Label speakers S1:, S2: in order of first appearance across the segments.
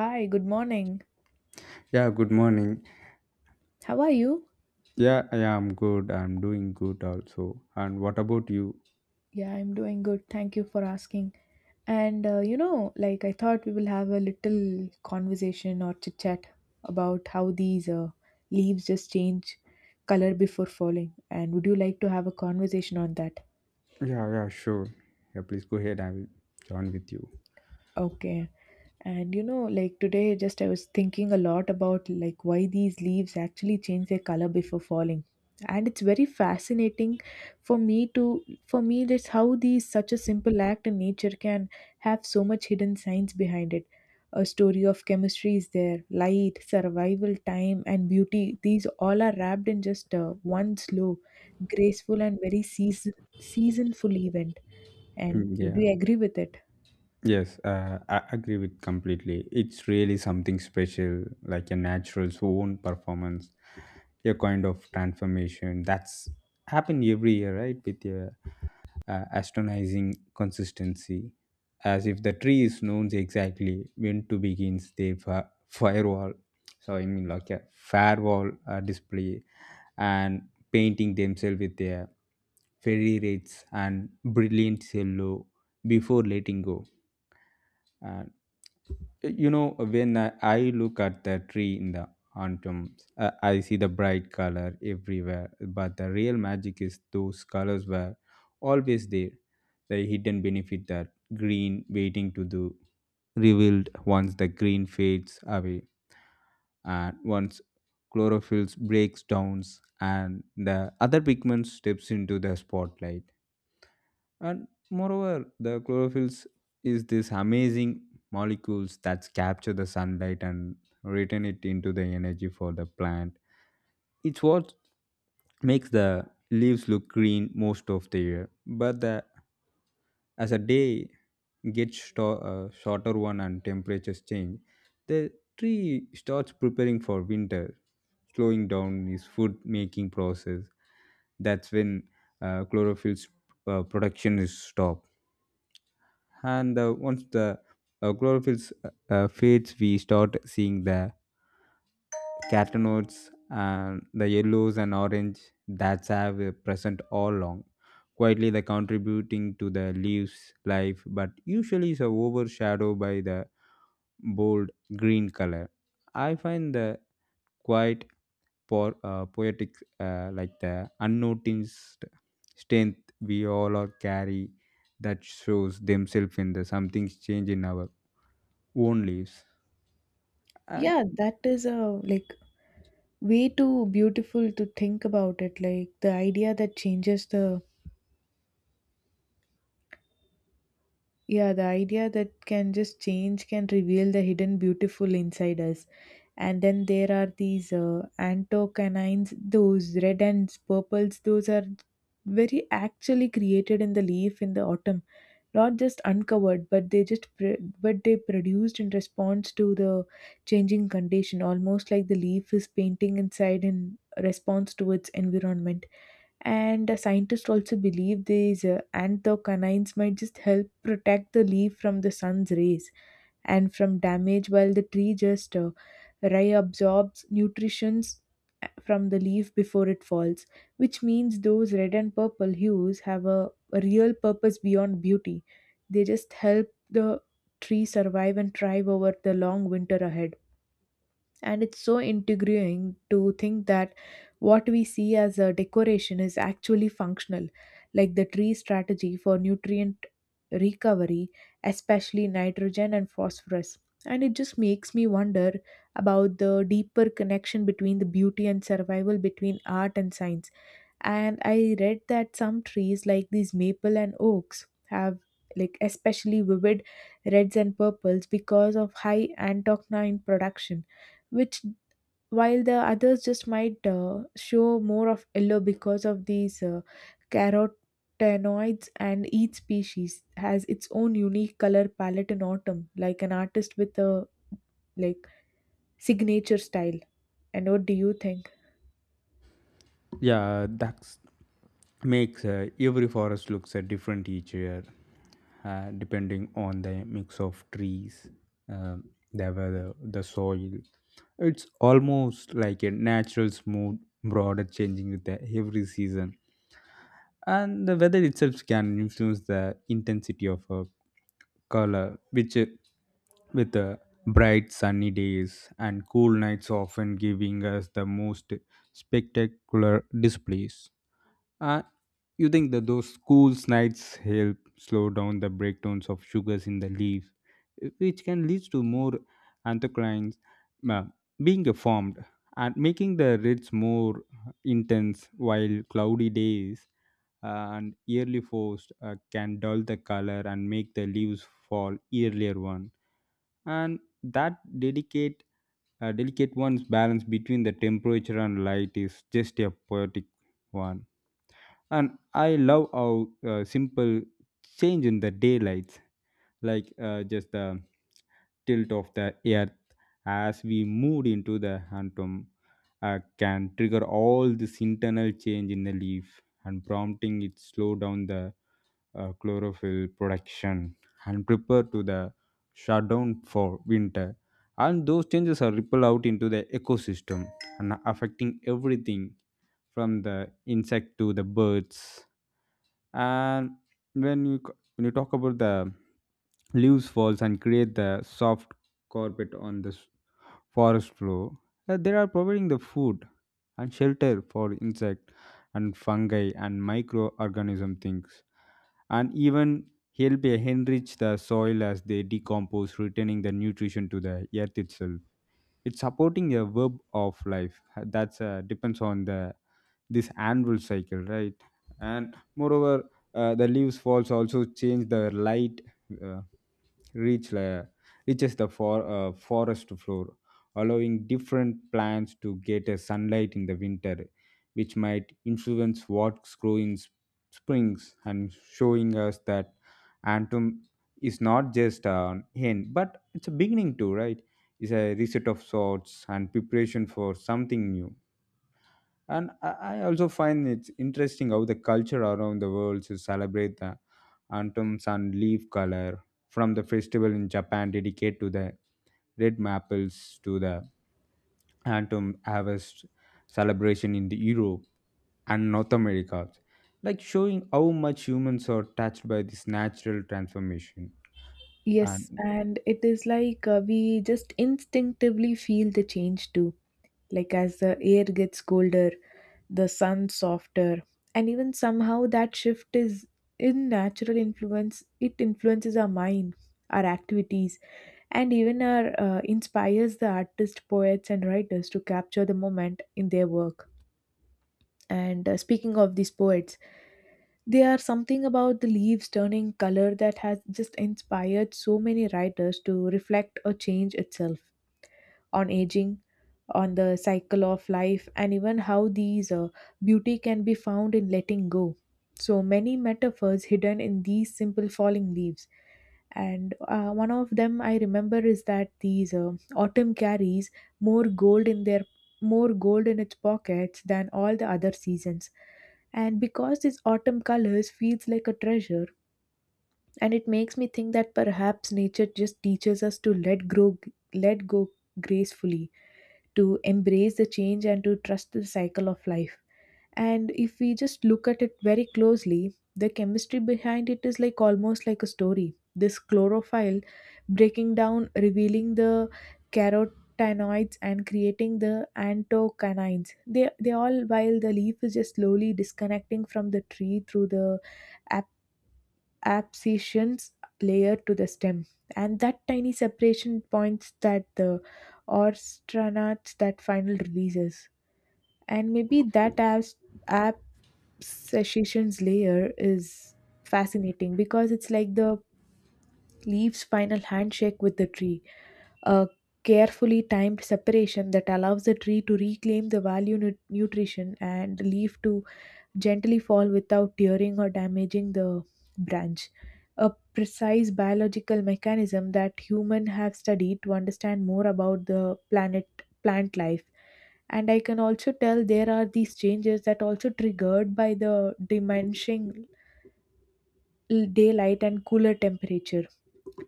S1: Hi, good morning.
S2: Yeah, good morning.
S1: How are you?
S2: Yeah, I'm good. I'm doing good also. And what about you?
S1: Yeah, I'm doing good. Thank you for asking. And like I thought we will have a little conversation or chit chat about how these leaves just change color before falling. And would you like to have a conversation on that?
S2: Yeah, yeah, sure. Yeah, please go ahead. I will join with you.
S1: Okay. And you know, like today, just I was thinking a lot about like why these leaves actually change their color before falling. And it's very fascinating for me that's how these such a simple act in nature can have so much hidden science behind it. A story of chemistry is there, light, survival, time, and beauty. These all are wrapped in just one slow, graceful, and very seasonful event. And
S2: Mm,
S1: would
S2: yeah.
S1: you agree with it?
S2: Yes, I agree with completely. It's really something special, like a natural's own performance, a kind of transformation that's happened every year, right? With a astonishing consistency, as if the tree is known exactly when to begin the firewall. So I mean like a firewall display and painting themselves with their fairy rates and brilliant yellow before letting go. And you know when I look at the tree in the autumn, I see the bright color everywhere, but the real magic is those colors were always there, the hidden benefit that green waiting to do, revealed once the green fades away and once chlorophyll breaks down and the other pigment steps into the spotlight. And moreover, the chlorophylls is this amazing molecules that capture the sunlight and return it into the energy for the plant. It's what makes the leaves look green most of the year. But the, as a day gets shorter one and temperatures change, the tree starts preparing for winter, slowing down its food making process. That's when chlorophyll production is stopped, and once the chlorophyll fades, we start seeing the carotenoids and the yellows and orange that's have present all along, quietly they contributing to the leaves life but usually is overshadowed by the bold green color. I find the quiet poetic, like the unnoticed strength we all are carry, that shows themselves in the something's change in our own lives. And
S1: Yeah, that is a like way too beautiful to think about it. Like the idea that changes the Yeah, the idea that can just change can reveal the hidden beautiful inside us. And then there are these anthocyanins, those red and purples, those are very actually created in the leaf in the autumn, not just uncovered, but they just pr- but they produced in response to the changing condition, almost like the leaf is painting inside in response to its environment. And scientists also believe these anthocanines might just help protect the leaf from the sun's rays and from damage while the tree just reabsorbs nutrients from the leaf before it falls, which means those red and purple hues have a real purpose beyond beauty. They just help the tree survive and thrive over the long winter ahead. And it's so intriguing to think that what we see as a decoration is actually functional, like the tree strategy for nutrient recovery, especially nitrogen and phosphorus. And it just makes me wonder about the deeper connection between the beauty and survival, between art and science. And I read that some trees like these maple and oaks have like especially vivid reds and purples because of high antocyanin production, which while the others just might show more of yellow because of these carotenoids. And each species has its own unique color palette in autumn, like an artist with a like signature style. And what do you think?
S2: yeah, that makes every forest looks different each year, depending on the mix of trees, the weather, the soil. It's almost like a natural, smooth, broader changing with the every season. And the weather itself can influence the intensity of a color, which with the bright sunny days and cool nights often giving us the most spectacular displays. uh, you think that those cool nights help slow down the breakdowns of sugars in the leaves, which can lead to more anthocyanins uh, being formed and making the reds more intense, while cloudy days uh, and yearly frost can dull the color and make the leaves fall earlier one. And that delicate one's balance between the temperature and light is just a poetic one. And I love how simple change in the daylights, like just the tilt of the earth as we moved into the hantom, can trigger all this internal change in the leaf and prompting it slow down the chlorophyll production and prepare to the shutdown for winter. And those changes are ripple out into the ecosystem and affecting everything from the insect to the birds. And when you talk about the leaves falls and create the soft carpet on the forest floor, they are providing the food and shelter for insect and fungi and microorganism things, and even help enrich the soil as they decompose, returning the nutrition to the earth itself. It's supporting a web of life that's depends on the this annual cycle, right? And moreover, the leaves falls also change the light uh, reach la- reaches the forest floor, allowing different plants to get a sunlight in the winter, which might influence what's growing in springs, and showing us that Antum is not just an end, but it's a beginning too, right? It's a reset of sorts and preparation for something new. And I also find it's interesting how the culture around the world to celebrate the anthems and leaf color, from the festival in Japan dedicated to the red maples, to the autumn harvest celebration in the Europe and North America, like showing how much humans are touched by this natural transformation.
S1: Yes,
S2: And
S1: and it is like we just instinctively feel the change too. Like as the air gets colder, the sun softer, and even somehow that shift is in natural influence. It influences our mind, our activities, and even our inspires the artists, poets, and writers to capture the moment in their work. And speaking of these poets, there are something about the leaves turning color that has just inspired so many writers to reflect or change itself, on aging, on the cycle of life, and even how these beauty can be found in letting go. So many metaphors hidden in these simple falling leaves. And one of them I remember is that these autumn carries more gold in their more gold in its pockets than all the other seasons. And because this autumn colors feels like a treasure, and it makes me think that perhaps nature just teaches us to let grow, let go gracefully, to embrace the change and to trust the cycle of life. And if we just look at it very closely, the chemistry behind it is like almost like a story. This chlorophyll breaking down, revealing the carotenoids and creating the anthocyanins. They all while the leaf is just slowly disconnecting from the tree through the abscissions layer to the stem, and that tiny separation points that the orstranats that final releases. And maybe that abscissions layer is fascinating because it's like the leaves final handshake with the tree, a carefully timed separation that allows the tree to reclaim the value nutrition, and the leaf to gently fall without tearing or damaging the branch. A precise biological mechanism that humans have studied to understand more about the planet plant life. And I can also tell there are these changes that also triggered by the diminishing daylight and cooler temperatures.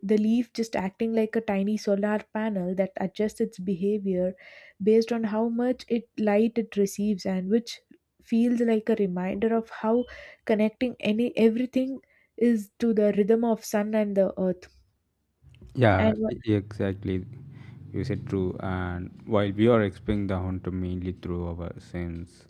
S1: The leaf just acting like a tiny solar panel that adjusts its behavior based on how much it light it receives, and which feels like a reminder of how connecting any everything is to the rhythm of sun and the earth.
S2: yeah,
S1: And
S2: exactly. You said true. And while we are experiencing the hunter mainly through our sense,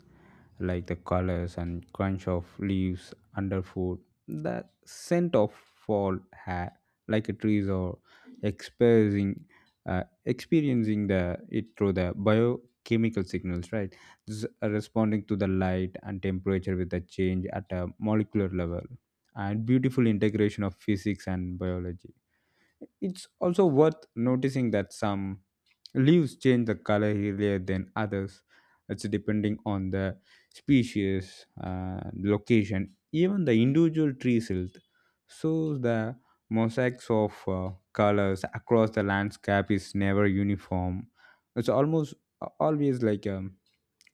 S2: like the colors and crunch of leaves underfoot, the scent of like a trees or experiencing, experiencing the it through the biochemical signals, right? This responding to the light and temperature with the change at a molecular level, and beautiful integration of physics and biology. It's also worth noticing that some leaves change the color earlier than others. It's depending on the species, location, even the individual tree silt. So the mosaics of colors across the landscape is never uniform. It's almost always like a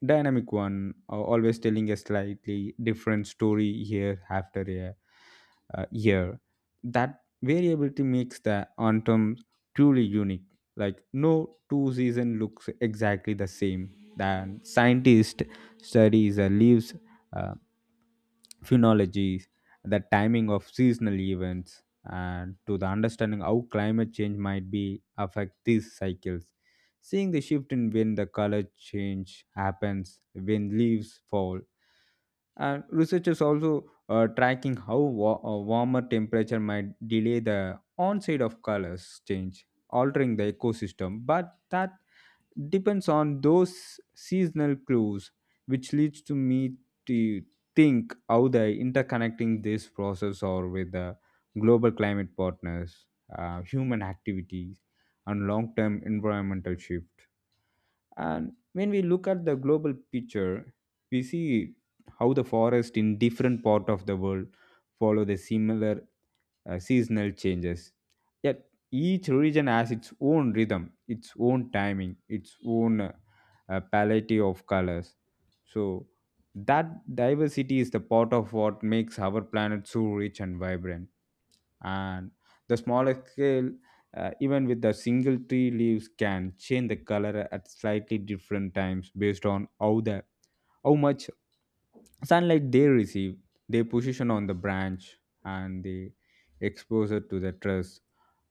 S2: dynamic one, always telling a slightly different story year after year. Year. That variability makes the autumn truly unique, like no two season looks exactly the same. Then scientist studies leaves uh, phenology, the timing of seasonal events, and to the understanding how climate change might be affect these cycles, seeing the shift in when the color change happens, when leaves fall. And researchers also tracking how warmer temperature might delay the onset of colors change, altering the ecosystem, but that depends on those seasonal clues, which leads to me to think how the interconnecting this process or with the global climate partners, human activities, and long-term environmental shift. And when we look at the global picture, we see how the forest in different part of the world follow the similar seasonal changes. Yet each region has its own rhythm, its own timing, its own palette of colors. So that diversity is the part of what makes our planet so rich and vibrant. And the smaller scale, even with the single tree, leaves can change the color at slightly different times based on how much sunlight they receive, their position on the branch, and the exposure to the truss,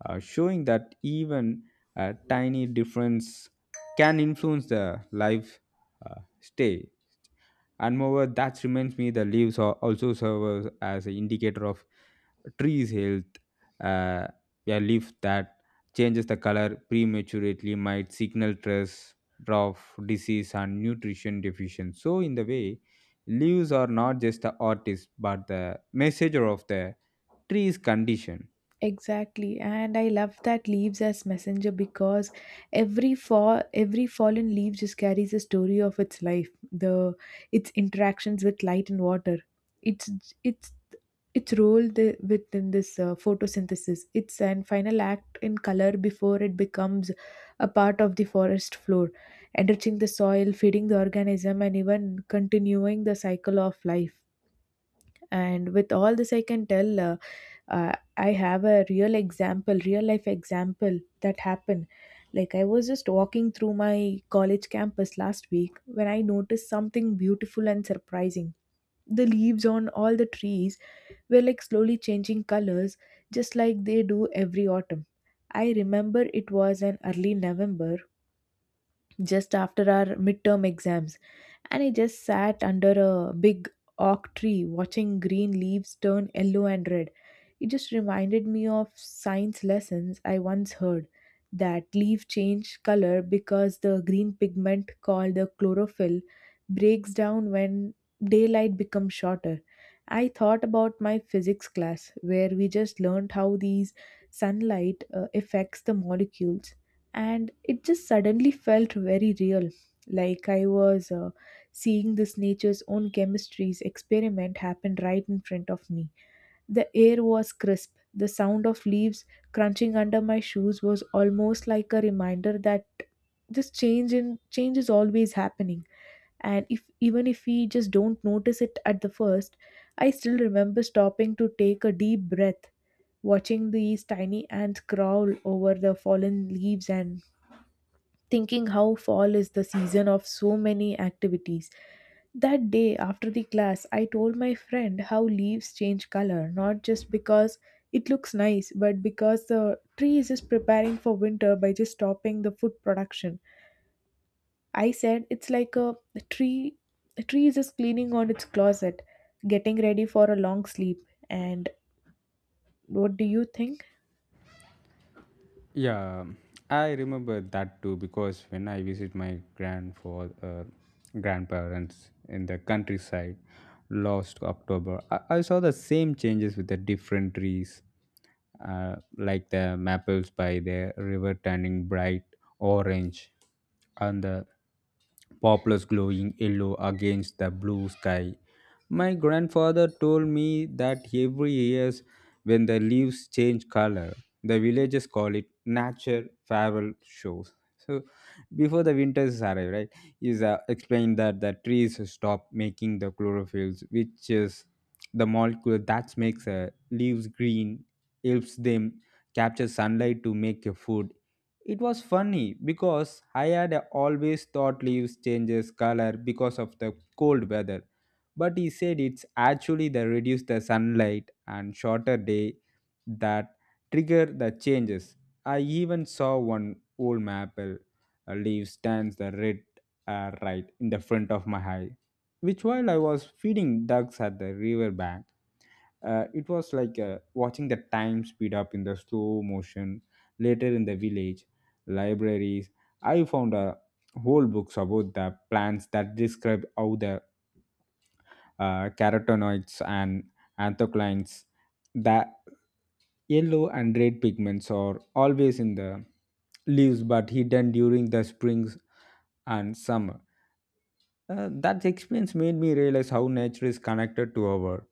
S2: showing that even a tiny difference can influence the life, stay. And moreover, that reminds me the leaves are also serve as an indicator of trees health. uh, a leaf that changes the color prematurely might signal stress, drought, disease, and nutrition deficiency. So in the way, leaves are not just the artist but the messenger of the tree's condition.
S1: exactly, and I love that leaves as messenger because every fall, every fallen leaf just carries a story of its life, the its interactions with light and water, its its its role the, within this photosynthesis, its and final act in color before it becomes a part of the forest floor, enriching the soil, feeding the organism, and even continuing the cycle of life. And with all this I can tell uh, I have a real life example that happened. Like I was just walking through my college campus last week when I noticed something beautiful and surprising. The leaves on all the trees were like slowly changing colors, just like they do every autumn. I remember it was an early November, just after our midterm exams, and I just sat under a big oak tree watching green leaves turn yellow and red. It just reminded me of science lessons I once heard that leaf change color because the green pigment called the chlorophyll breaks down when daylight becomes shorter. I thought about my physics class where we just learned how these sunlight affects the molecules, and it just suddenly felt very real, like I was seeing this nature's own chemistry's experiment happen right in front of me. The air was crisp, the sound of leaves crunching under my shoes was almost like a reminder that this change in change is always happening, and if even if we just don't notice it at the first. I still remember stopping to take a deep breath, watching these tiny ants crawl over the fallen leaves and thinking how fall is the season of so many activities. That day after the class, I told my friend how leaves change color, not just because it looks nice, but because the tree is just preparing for winter by just stopping the food production. I said it's like tree a tree is just cleaning on its closet, getting ready for a long sleep. And what do you think?
S2: Yeah, I remember that too because when I visit my grandfather, grandparents in the countryside last October, I saw the same changes with the different trees, like the maples by the river turning bright orange and the poplars glowing yellow against the blue sky. My grandfather told me that every year when the leaves change color, the villagers call it nature farewell shows. So before the winters arrive right is explained that the trees stop making the chlorophylls, which is the molecule that makes leaves green, helps them capture sunlight to make a food. It was funny because I had always thought leaves changes color because of the cold weather, but he said it's actually the reduced the sunlight and shorter day that trigger the changes. I even saw one old map, a leaf stands the red, right in the front of my eye, which while I was feeding ducks at the river bank, it was like, watching the time speed up in the slow motion. Later in the village libraries, I found a whole books about the plants that describe how the carotenoids and anthocyanins. The yellow and red pigments are always in the leaves but hidden during the springs and summer. That experience made me realize how nature is connected to our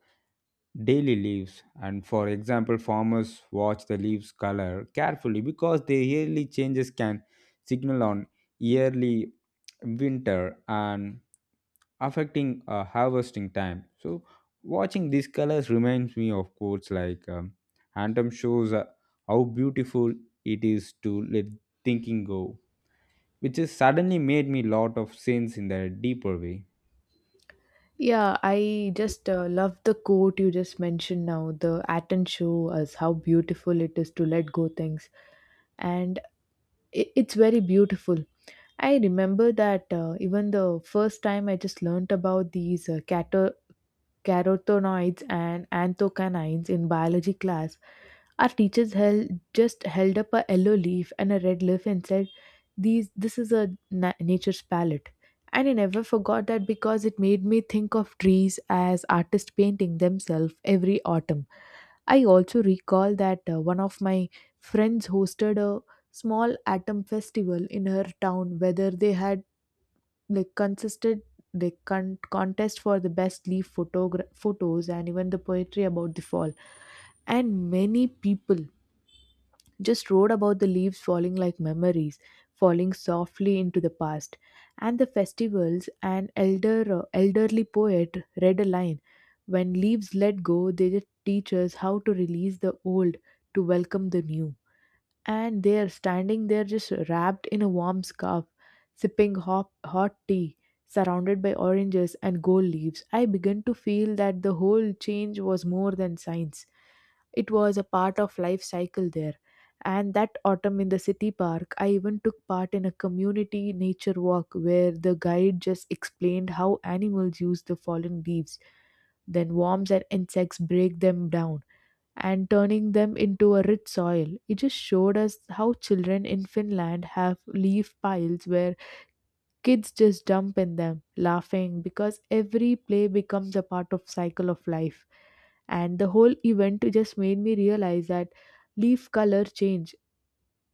S2: daily leaves, and for example farmers watch the leaves color carefully because their yearly changes can signal on yearly winter and affecting harvesting time. So watching these colors reminds me of quotes like Anthem shows how beautiful it is to let thinking go, which has suddenly made me lot of sense in a deeper way.
S1: Yeah, I just love the quote you just mentioned now. The Aten show us how beautiful it is to let go things, and it's very beautiful. I remember that even the first time I just learned about these cat carotenoids and anthocyanins in biology class, our teachers held just held up a yellow leaf and a red leaf and said, "These, this is a nature's palette." And I never forgot that because it made me think of trees as artists painting themselves every autumn. I also recall that one of my friends hosted a small autumn festival in her town where they had they consisted they con- contest for the best leaf photos, and even the poetry about the fall. And many people just wrote about the leaves falling like memories, falling softly into the past. And the festivals an elder elderly poet read a line, when leaves let go they just teach us how to release the old, to welcome the new. And they're standing there just wrapped in a warm scarf, sipping hot tea, surrounded by oranges and gold leaves. I began to feel that the whole change was more than science. It was a part of life cycle there. And that autumn in the city park, I even took part in a community nature walk where the guide just explained how animals use the fallen leaves, then worms and insects break them down and turning them into a rich soil. It just showed us how children in Finland have leaf piles where kids just dump in them, laughing because every play becomes a part of cycle of life. And the whole event just made me realize that leaf color change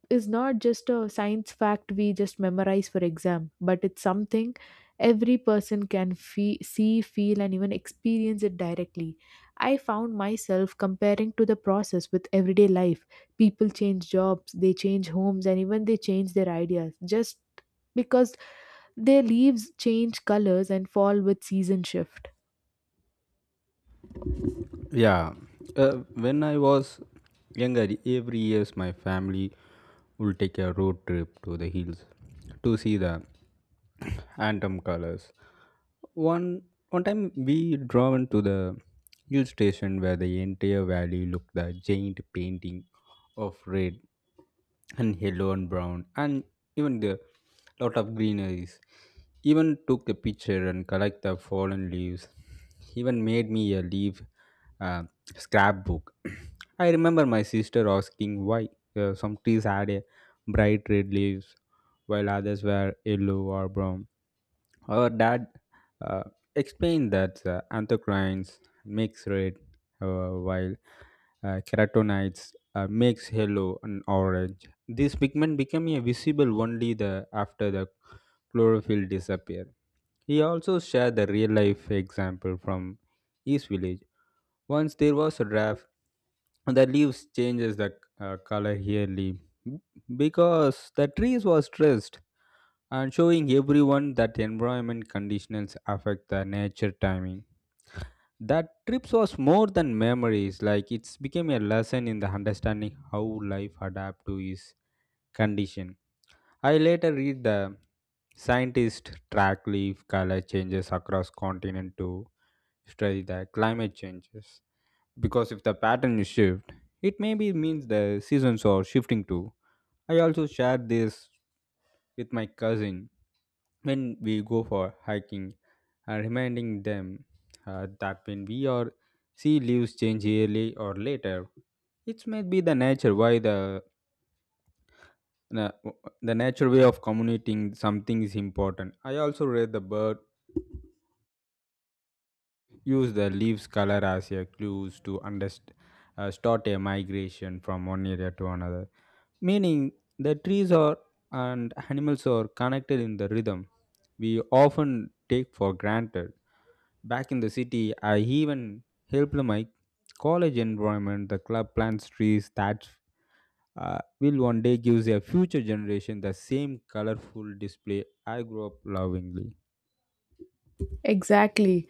S1: is not just a science fact we just memorize for exam, but it's something every person can see, feel, and even experience it directly. I found myself comparing to the process with everyday life. People change jobs, they change homes, and even they change their ideas just because their leaves change colors and fall with season shift.
S2: Yeah, when I was younger, every year my family would take a road trip to the hills to see the anthem colors. One one time we driven to the hill station where the entire valley looked the giant painting of red and yellow and brown, and even the lot of greeneries. Even took the picture and collect the fallen leaves, even made me a leaf uh, scrapbook. I remember my sister asking why some trees had a bright red leaves while others were yellow or brown. Our dad uh, explained that anthocyanins makes red, while carotenoids makes yellow and orange. This pigment become a visible only the after the chlorophyll disappear. He also shared the real life example from his village. Once there was a draft, the leaves changes the color yearly because the trees was stressed and showing everyone that environment conditions affect the nature timing. That trips was more than memories, like it's became a lesson in the understanding how life adapt to its condition. I later read the scientist track leaf color changes across continent to study the climate changes because if the pattern is shift it maybe means the seasons are shifting too. I also shared this with my cousin when we go for hiking, reminding them that when we or sea leaves change yearly or later, it might be the nature why the the nature way of communicating something is important. I also read the bird use the leaves color as a clues to understand. Start a migration from one area to another, meaning the trees are and animals are connected in the rhythm we often take for granted. Back in the city, I even helped my college environment the club plants trees that will one day give a future generation the same colorful display I grew up lovingly.
S1: Exactly.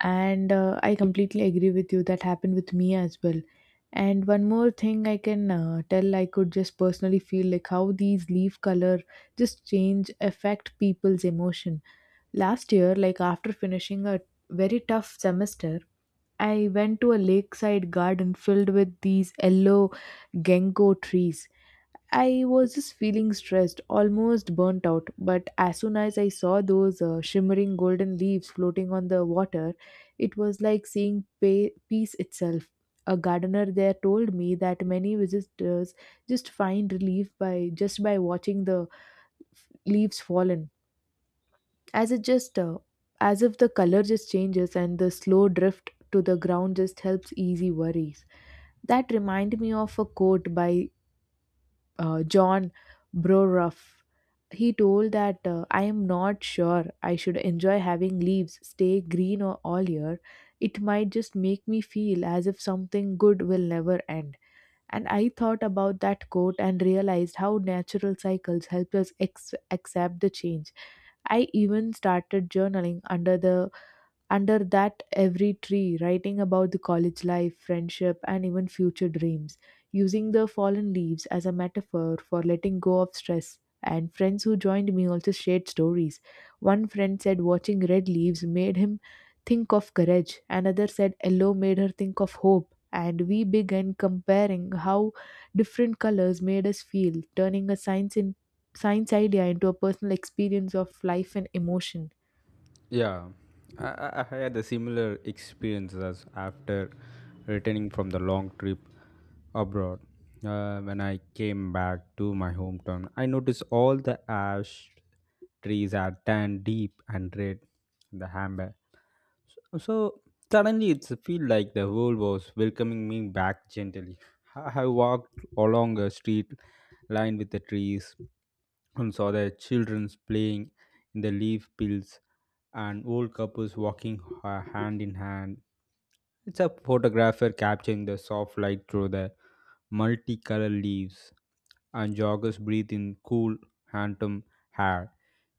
S1: And I completely agree with you. That happened with me as well. And one more thing I can tell, I could just personally feel like how these leaf color just change affect people's emotion. Last year, like after finishing a very tough semester, I went to a lakeside garden filled with these yellow ginkgo trees. I was just feeling stressed, almost burnt out. But as soon as I saw those shimmering golden leaves floating on the water, it was like seeing peace itself. A gardener there told me that many visitors just find relief by just by watching the leaves fallen, as it just as if the color just changes and the slow drift to the ground just helps easy worries. That reminded me of a quote by John Brorough. He told that I am not sure I should enjoy having leaves stay green or all year. It might just make me feel as if something good will never end. And I thought about that quote and realized how natural cycles help us accept the change. I even started journaling under that, every tree, writing about the college life, friendship, and even future dreams, using the fallen leaves as a metaphor for letting go of stress. And friends who joined me also shared stories. One friend said watching red leaves made him think of courage, another said yellow made her think of hope. And we began comparing how different colors made us feel, turning a science idea into a personal experience of life and emotion.
S2: Yeah, I had a similar experience as after returning from the long trip abroad. When I came back to my hometown, I noticed all the ash trees are tan, deep and red in the amber. So suddenly it's feel like the world was welcoming me back gently. I walked along a street lined with the trees and saw the children playing in the leaf fields and old couples walking hand in hand. It's a photographer capturing the soft light through the multicolored leaves, and joggers breathe in cool, handsome air.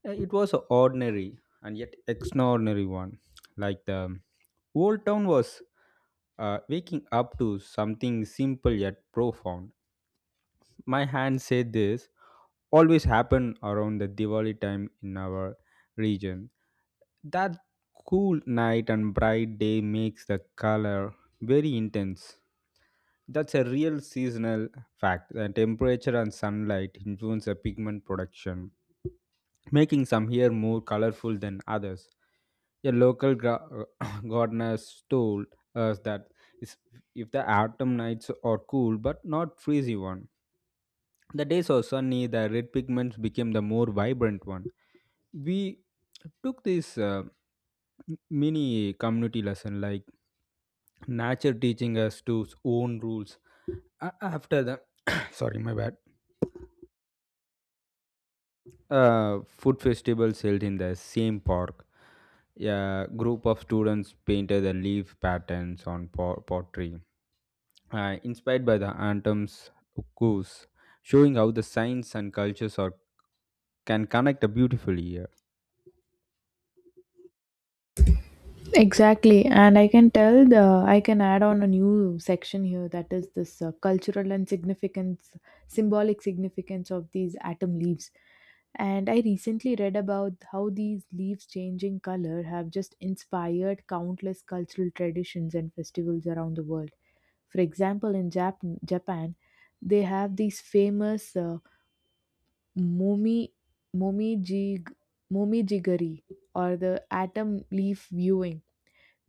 S2: It was an ordinary and yet extraordinary one. Like the old town was waking up to something simple yet profound. My hand said this always happen around the Diwali time in our region. That cool night and bright day makes the color very intense. That's a real seasonal fact. The temperature and sunlight influence the pigment production, making some hair more colorful than others. A local gardener told us that is- if the autumn nights are cool but not freezing one, the days were sunny, the red pigments became the more vibrant one. We took this mini community lesson like nature teaching us to its own rules. After the sorry my bad, food festivals held in the same park, a group of students painted the leaf patterns on pottery, inspired by the anthems ukus, showing how the science and cultures are can connect beautifully.
S1: Exactly, and I can tell the I can add on a new section here that is this cultural and significance, symbolic significance of these atom leaves. And I recently read about how these leaves changing color have just inspired countless cultural traditions and festivals around the world. For example, in Japan, they have these famous momi momijig momijigari or the atom leaf viewing,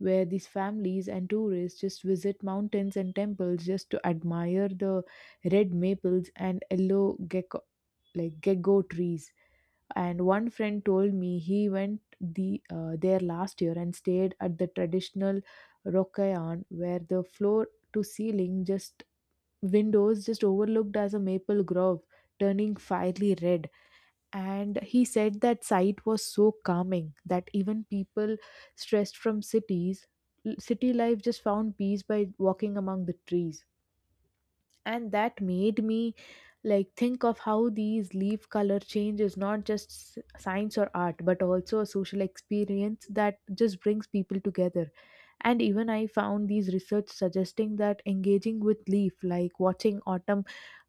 S1: where these families and tourists just visit mountains and temples just to admire the red maples and yellow gecko gecko trees. And one friend told me he went there last year and stayed at the traditional rokayan, where the floor to ceiling just windows just overlooked as a maple grove turning fiery red. And he said that sight was so calming that even people stressed from cities city life just found peace by walking among the trees. And that made me like think of how these leaf color change is not just science or art but also a social experience that just brings people together. And even I found these research suggesting that engaging with leaf like watching autumn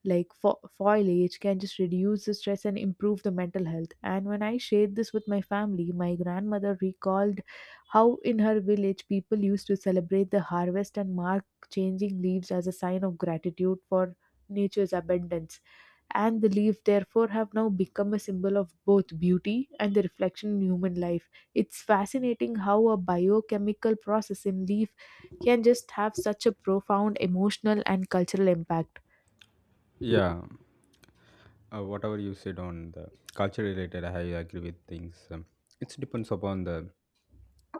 S1: like foliage can just reduce the stress and improve the mental health. And when I shared this with my family, my grandmother recalled how in her village people used to celebrate the harvest and mark changing leaves as a sign of gratitude for nature's abundance. And the leaves therefore, have now become a symbol of both beauty and the reflection in human life. It's fascinating how a biochemical process in leaf can just have such a profound emotional and cultural impact.
S2: Yeah, whatever you said on the culture related, I agree with things. It depends upon the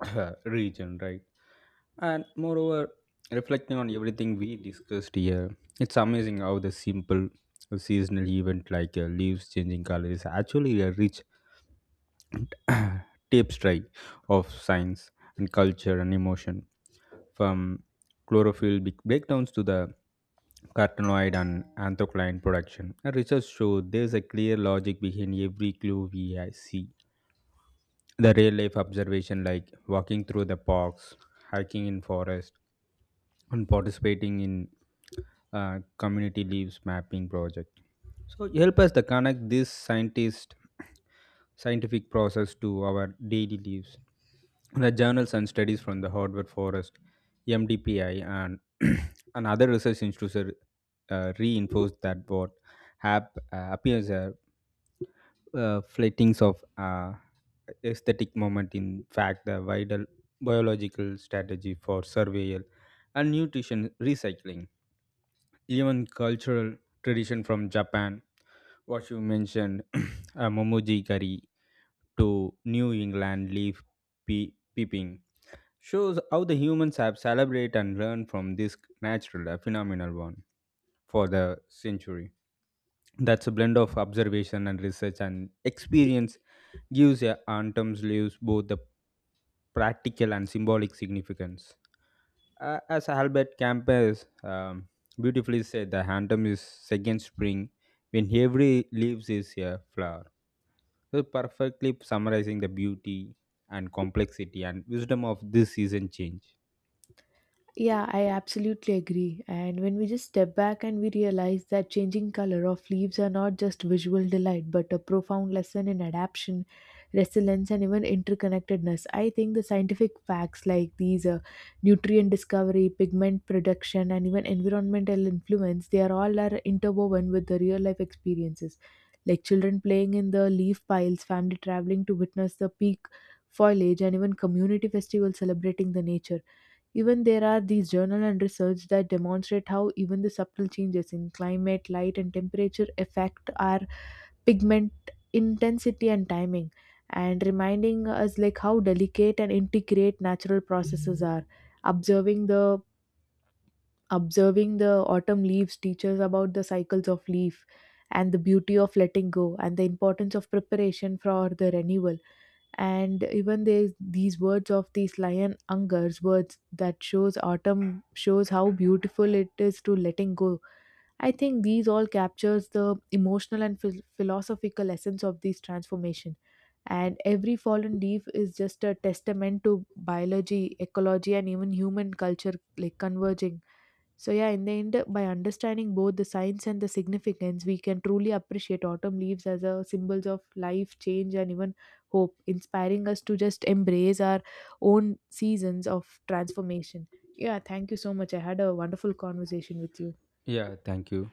S2: region, right? And moreover, reflecting on everything we discussed here, it's amazing how the simple seasonal event like leaves changing color is actually a rich tapestry of science and culture and emotion. From chlorophyll breakdowns to the carotenoid and anthocyanin production. And research shows there's a clear logic behind every clue we see. The real life observation, like walking through the parks, hiking in forest, and participating in community leaves mapping project. So help us to connect this scientist scientific process to our daily lives. The journals and studies from the Harvard Forest, MDPI, and other research institutes reinforce that what appears as flightings of aesthetic moment in fact the vital biological strategy for survival and nutrition recycling, even cultural tradition from Japan, what you mentioned, Momoji curry to New England leaf peeping, shows how the humans have celebrated and learned from this natural, phenomenal one for the century. That's a blend of observation and research and experience gives a antum's leaves both the practical and symbolic significance. As Albert Campus beautifully said, the autumn is second spring when every leaves is a flower. So perfectly summarizing the beauty and complexity and wisdom of this season change.
S1: Yeah, I absolutely agree. And when we just step back and we realize that changing color of leaves are not just visual delight, but a profound lesson in adaptation, resilience, and even interconnectedness, I think the scientific facts like these nutrient discovery, pigment production, and even environmental influence, they are all are interwoven with the real life experiences. Like children playing in the leaf piles, family traveling to witness the peak foliage, and even community festivals celebrating the nature. Even there are these journal and research that demonstrate how even the subtle changes in climate, light and temperature affect our pigment intensity and timing, and reminding us like how delicate and intricate natural processes are. Observing the Observing the autumn leaves teaches about the cycles of leaf and the beauty of letting go and the importance of preparation for the renewal. And even there's these words of these lion angers words that shows autumn shows how beautiful it is to letting go. I think these all captures the emotional and philosophical essence of this transformation, and every fallen leaf is just a testament to biology ecology and even human culture like converging. So, yeah, in the end, by understanding both the science and the significance, we can truly appreciate autumn leaves as a symbols of life, change, and even hope, inspiring us to just embrace our own seasons of transformation. Yeah, thank you so much. I had a wonderful conversation with you.
S2: Yeah, thank you.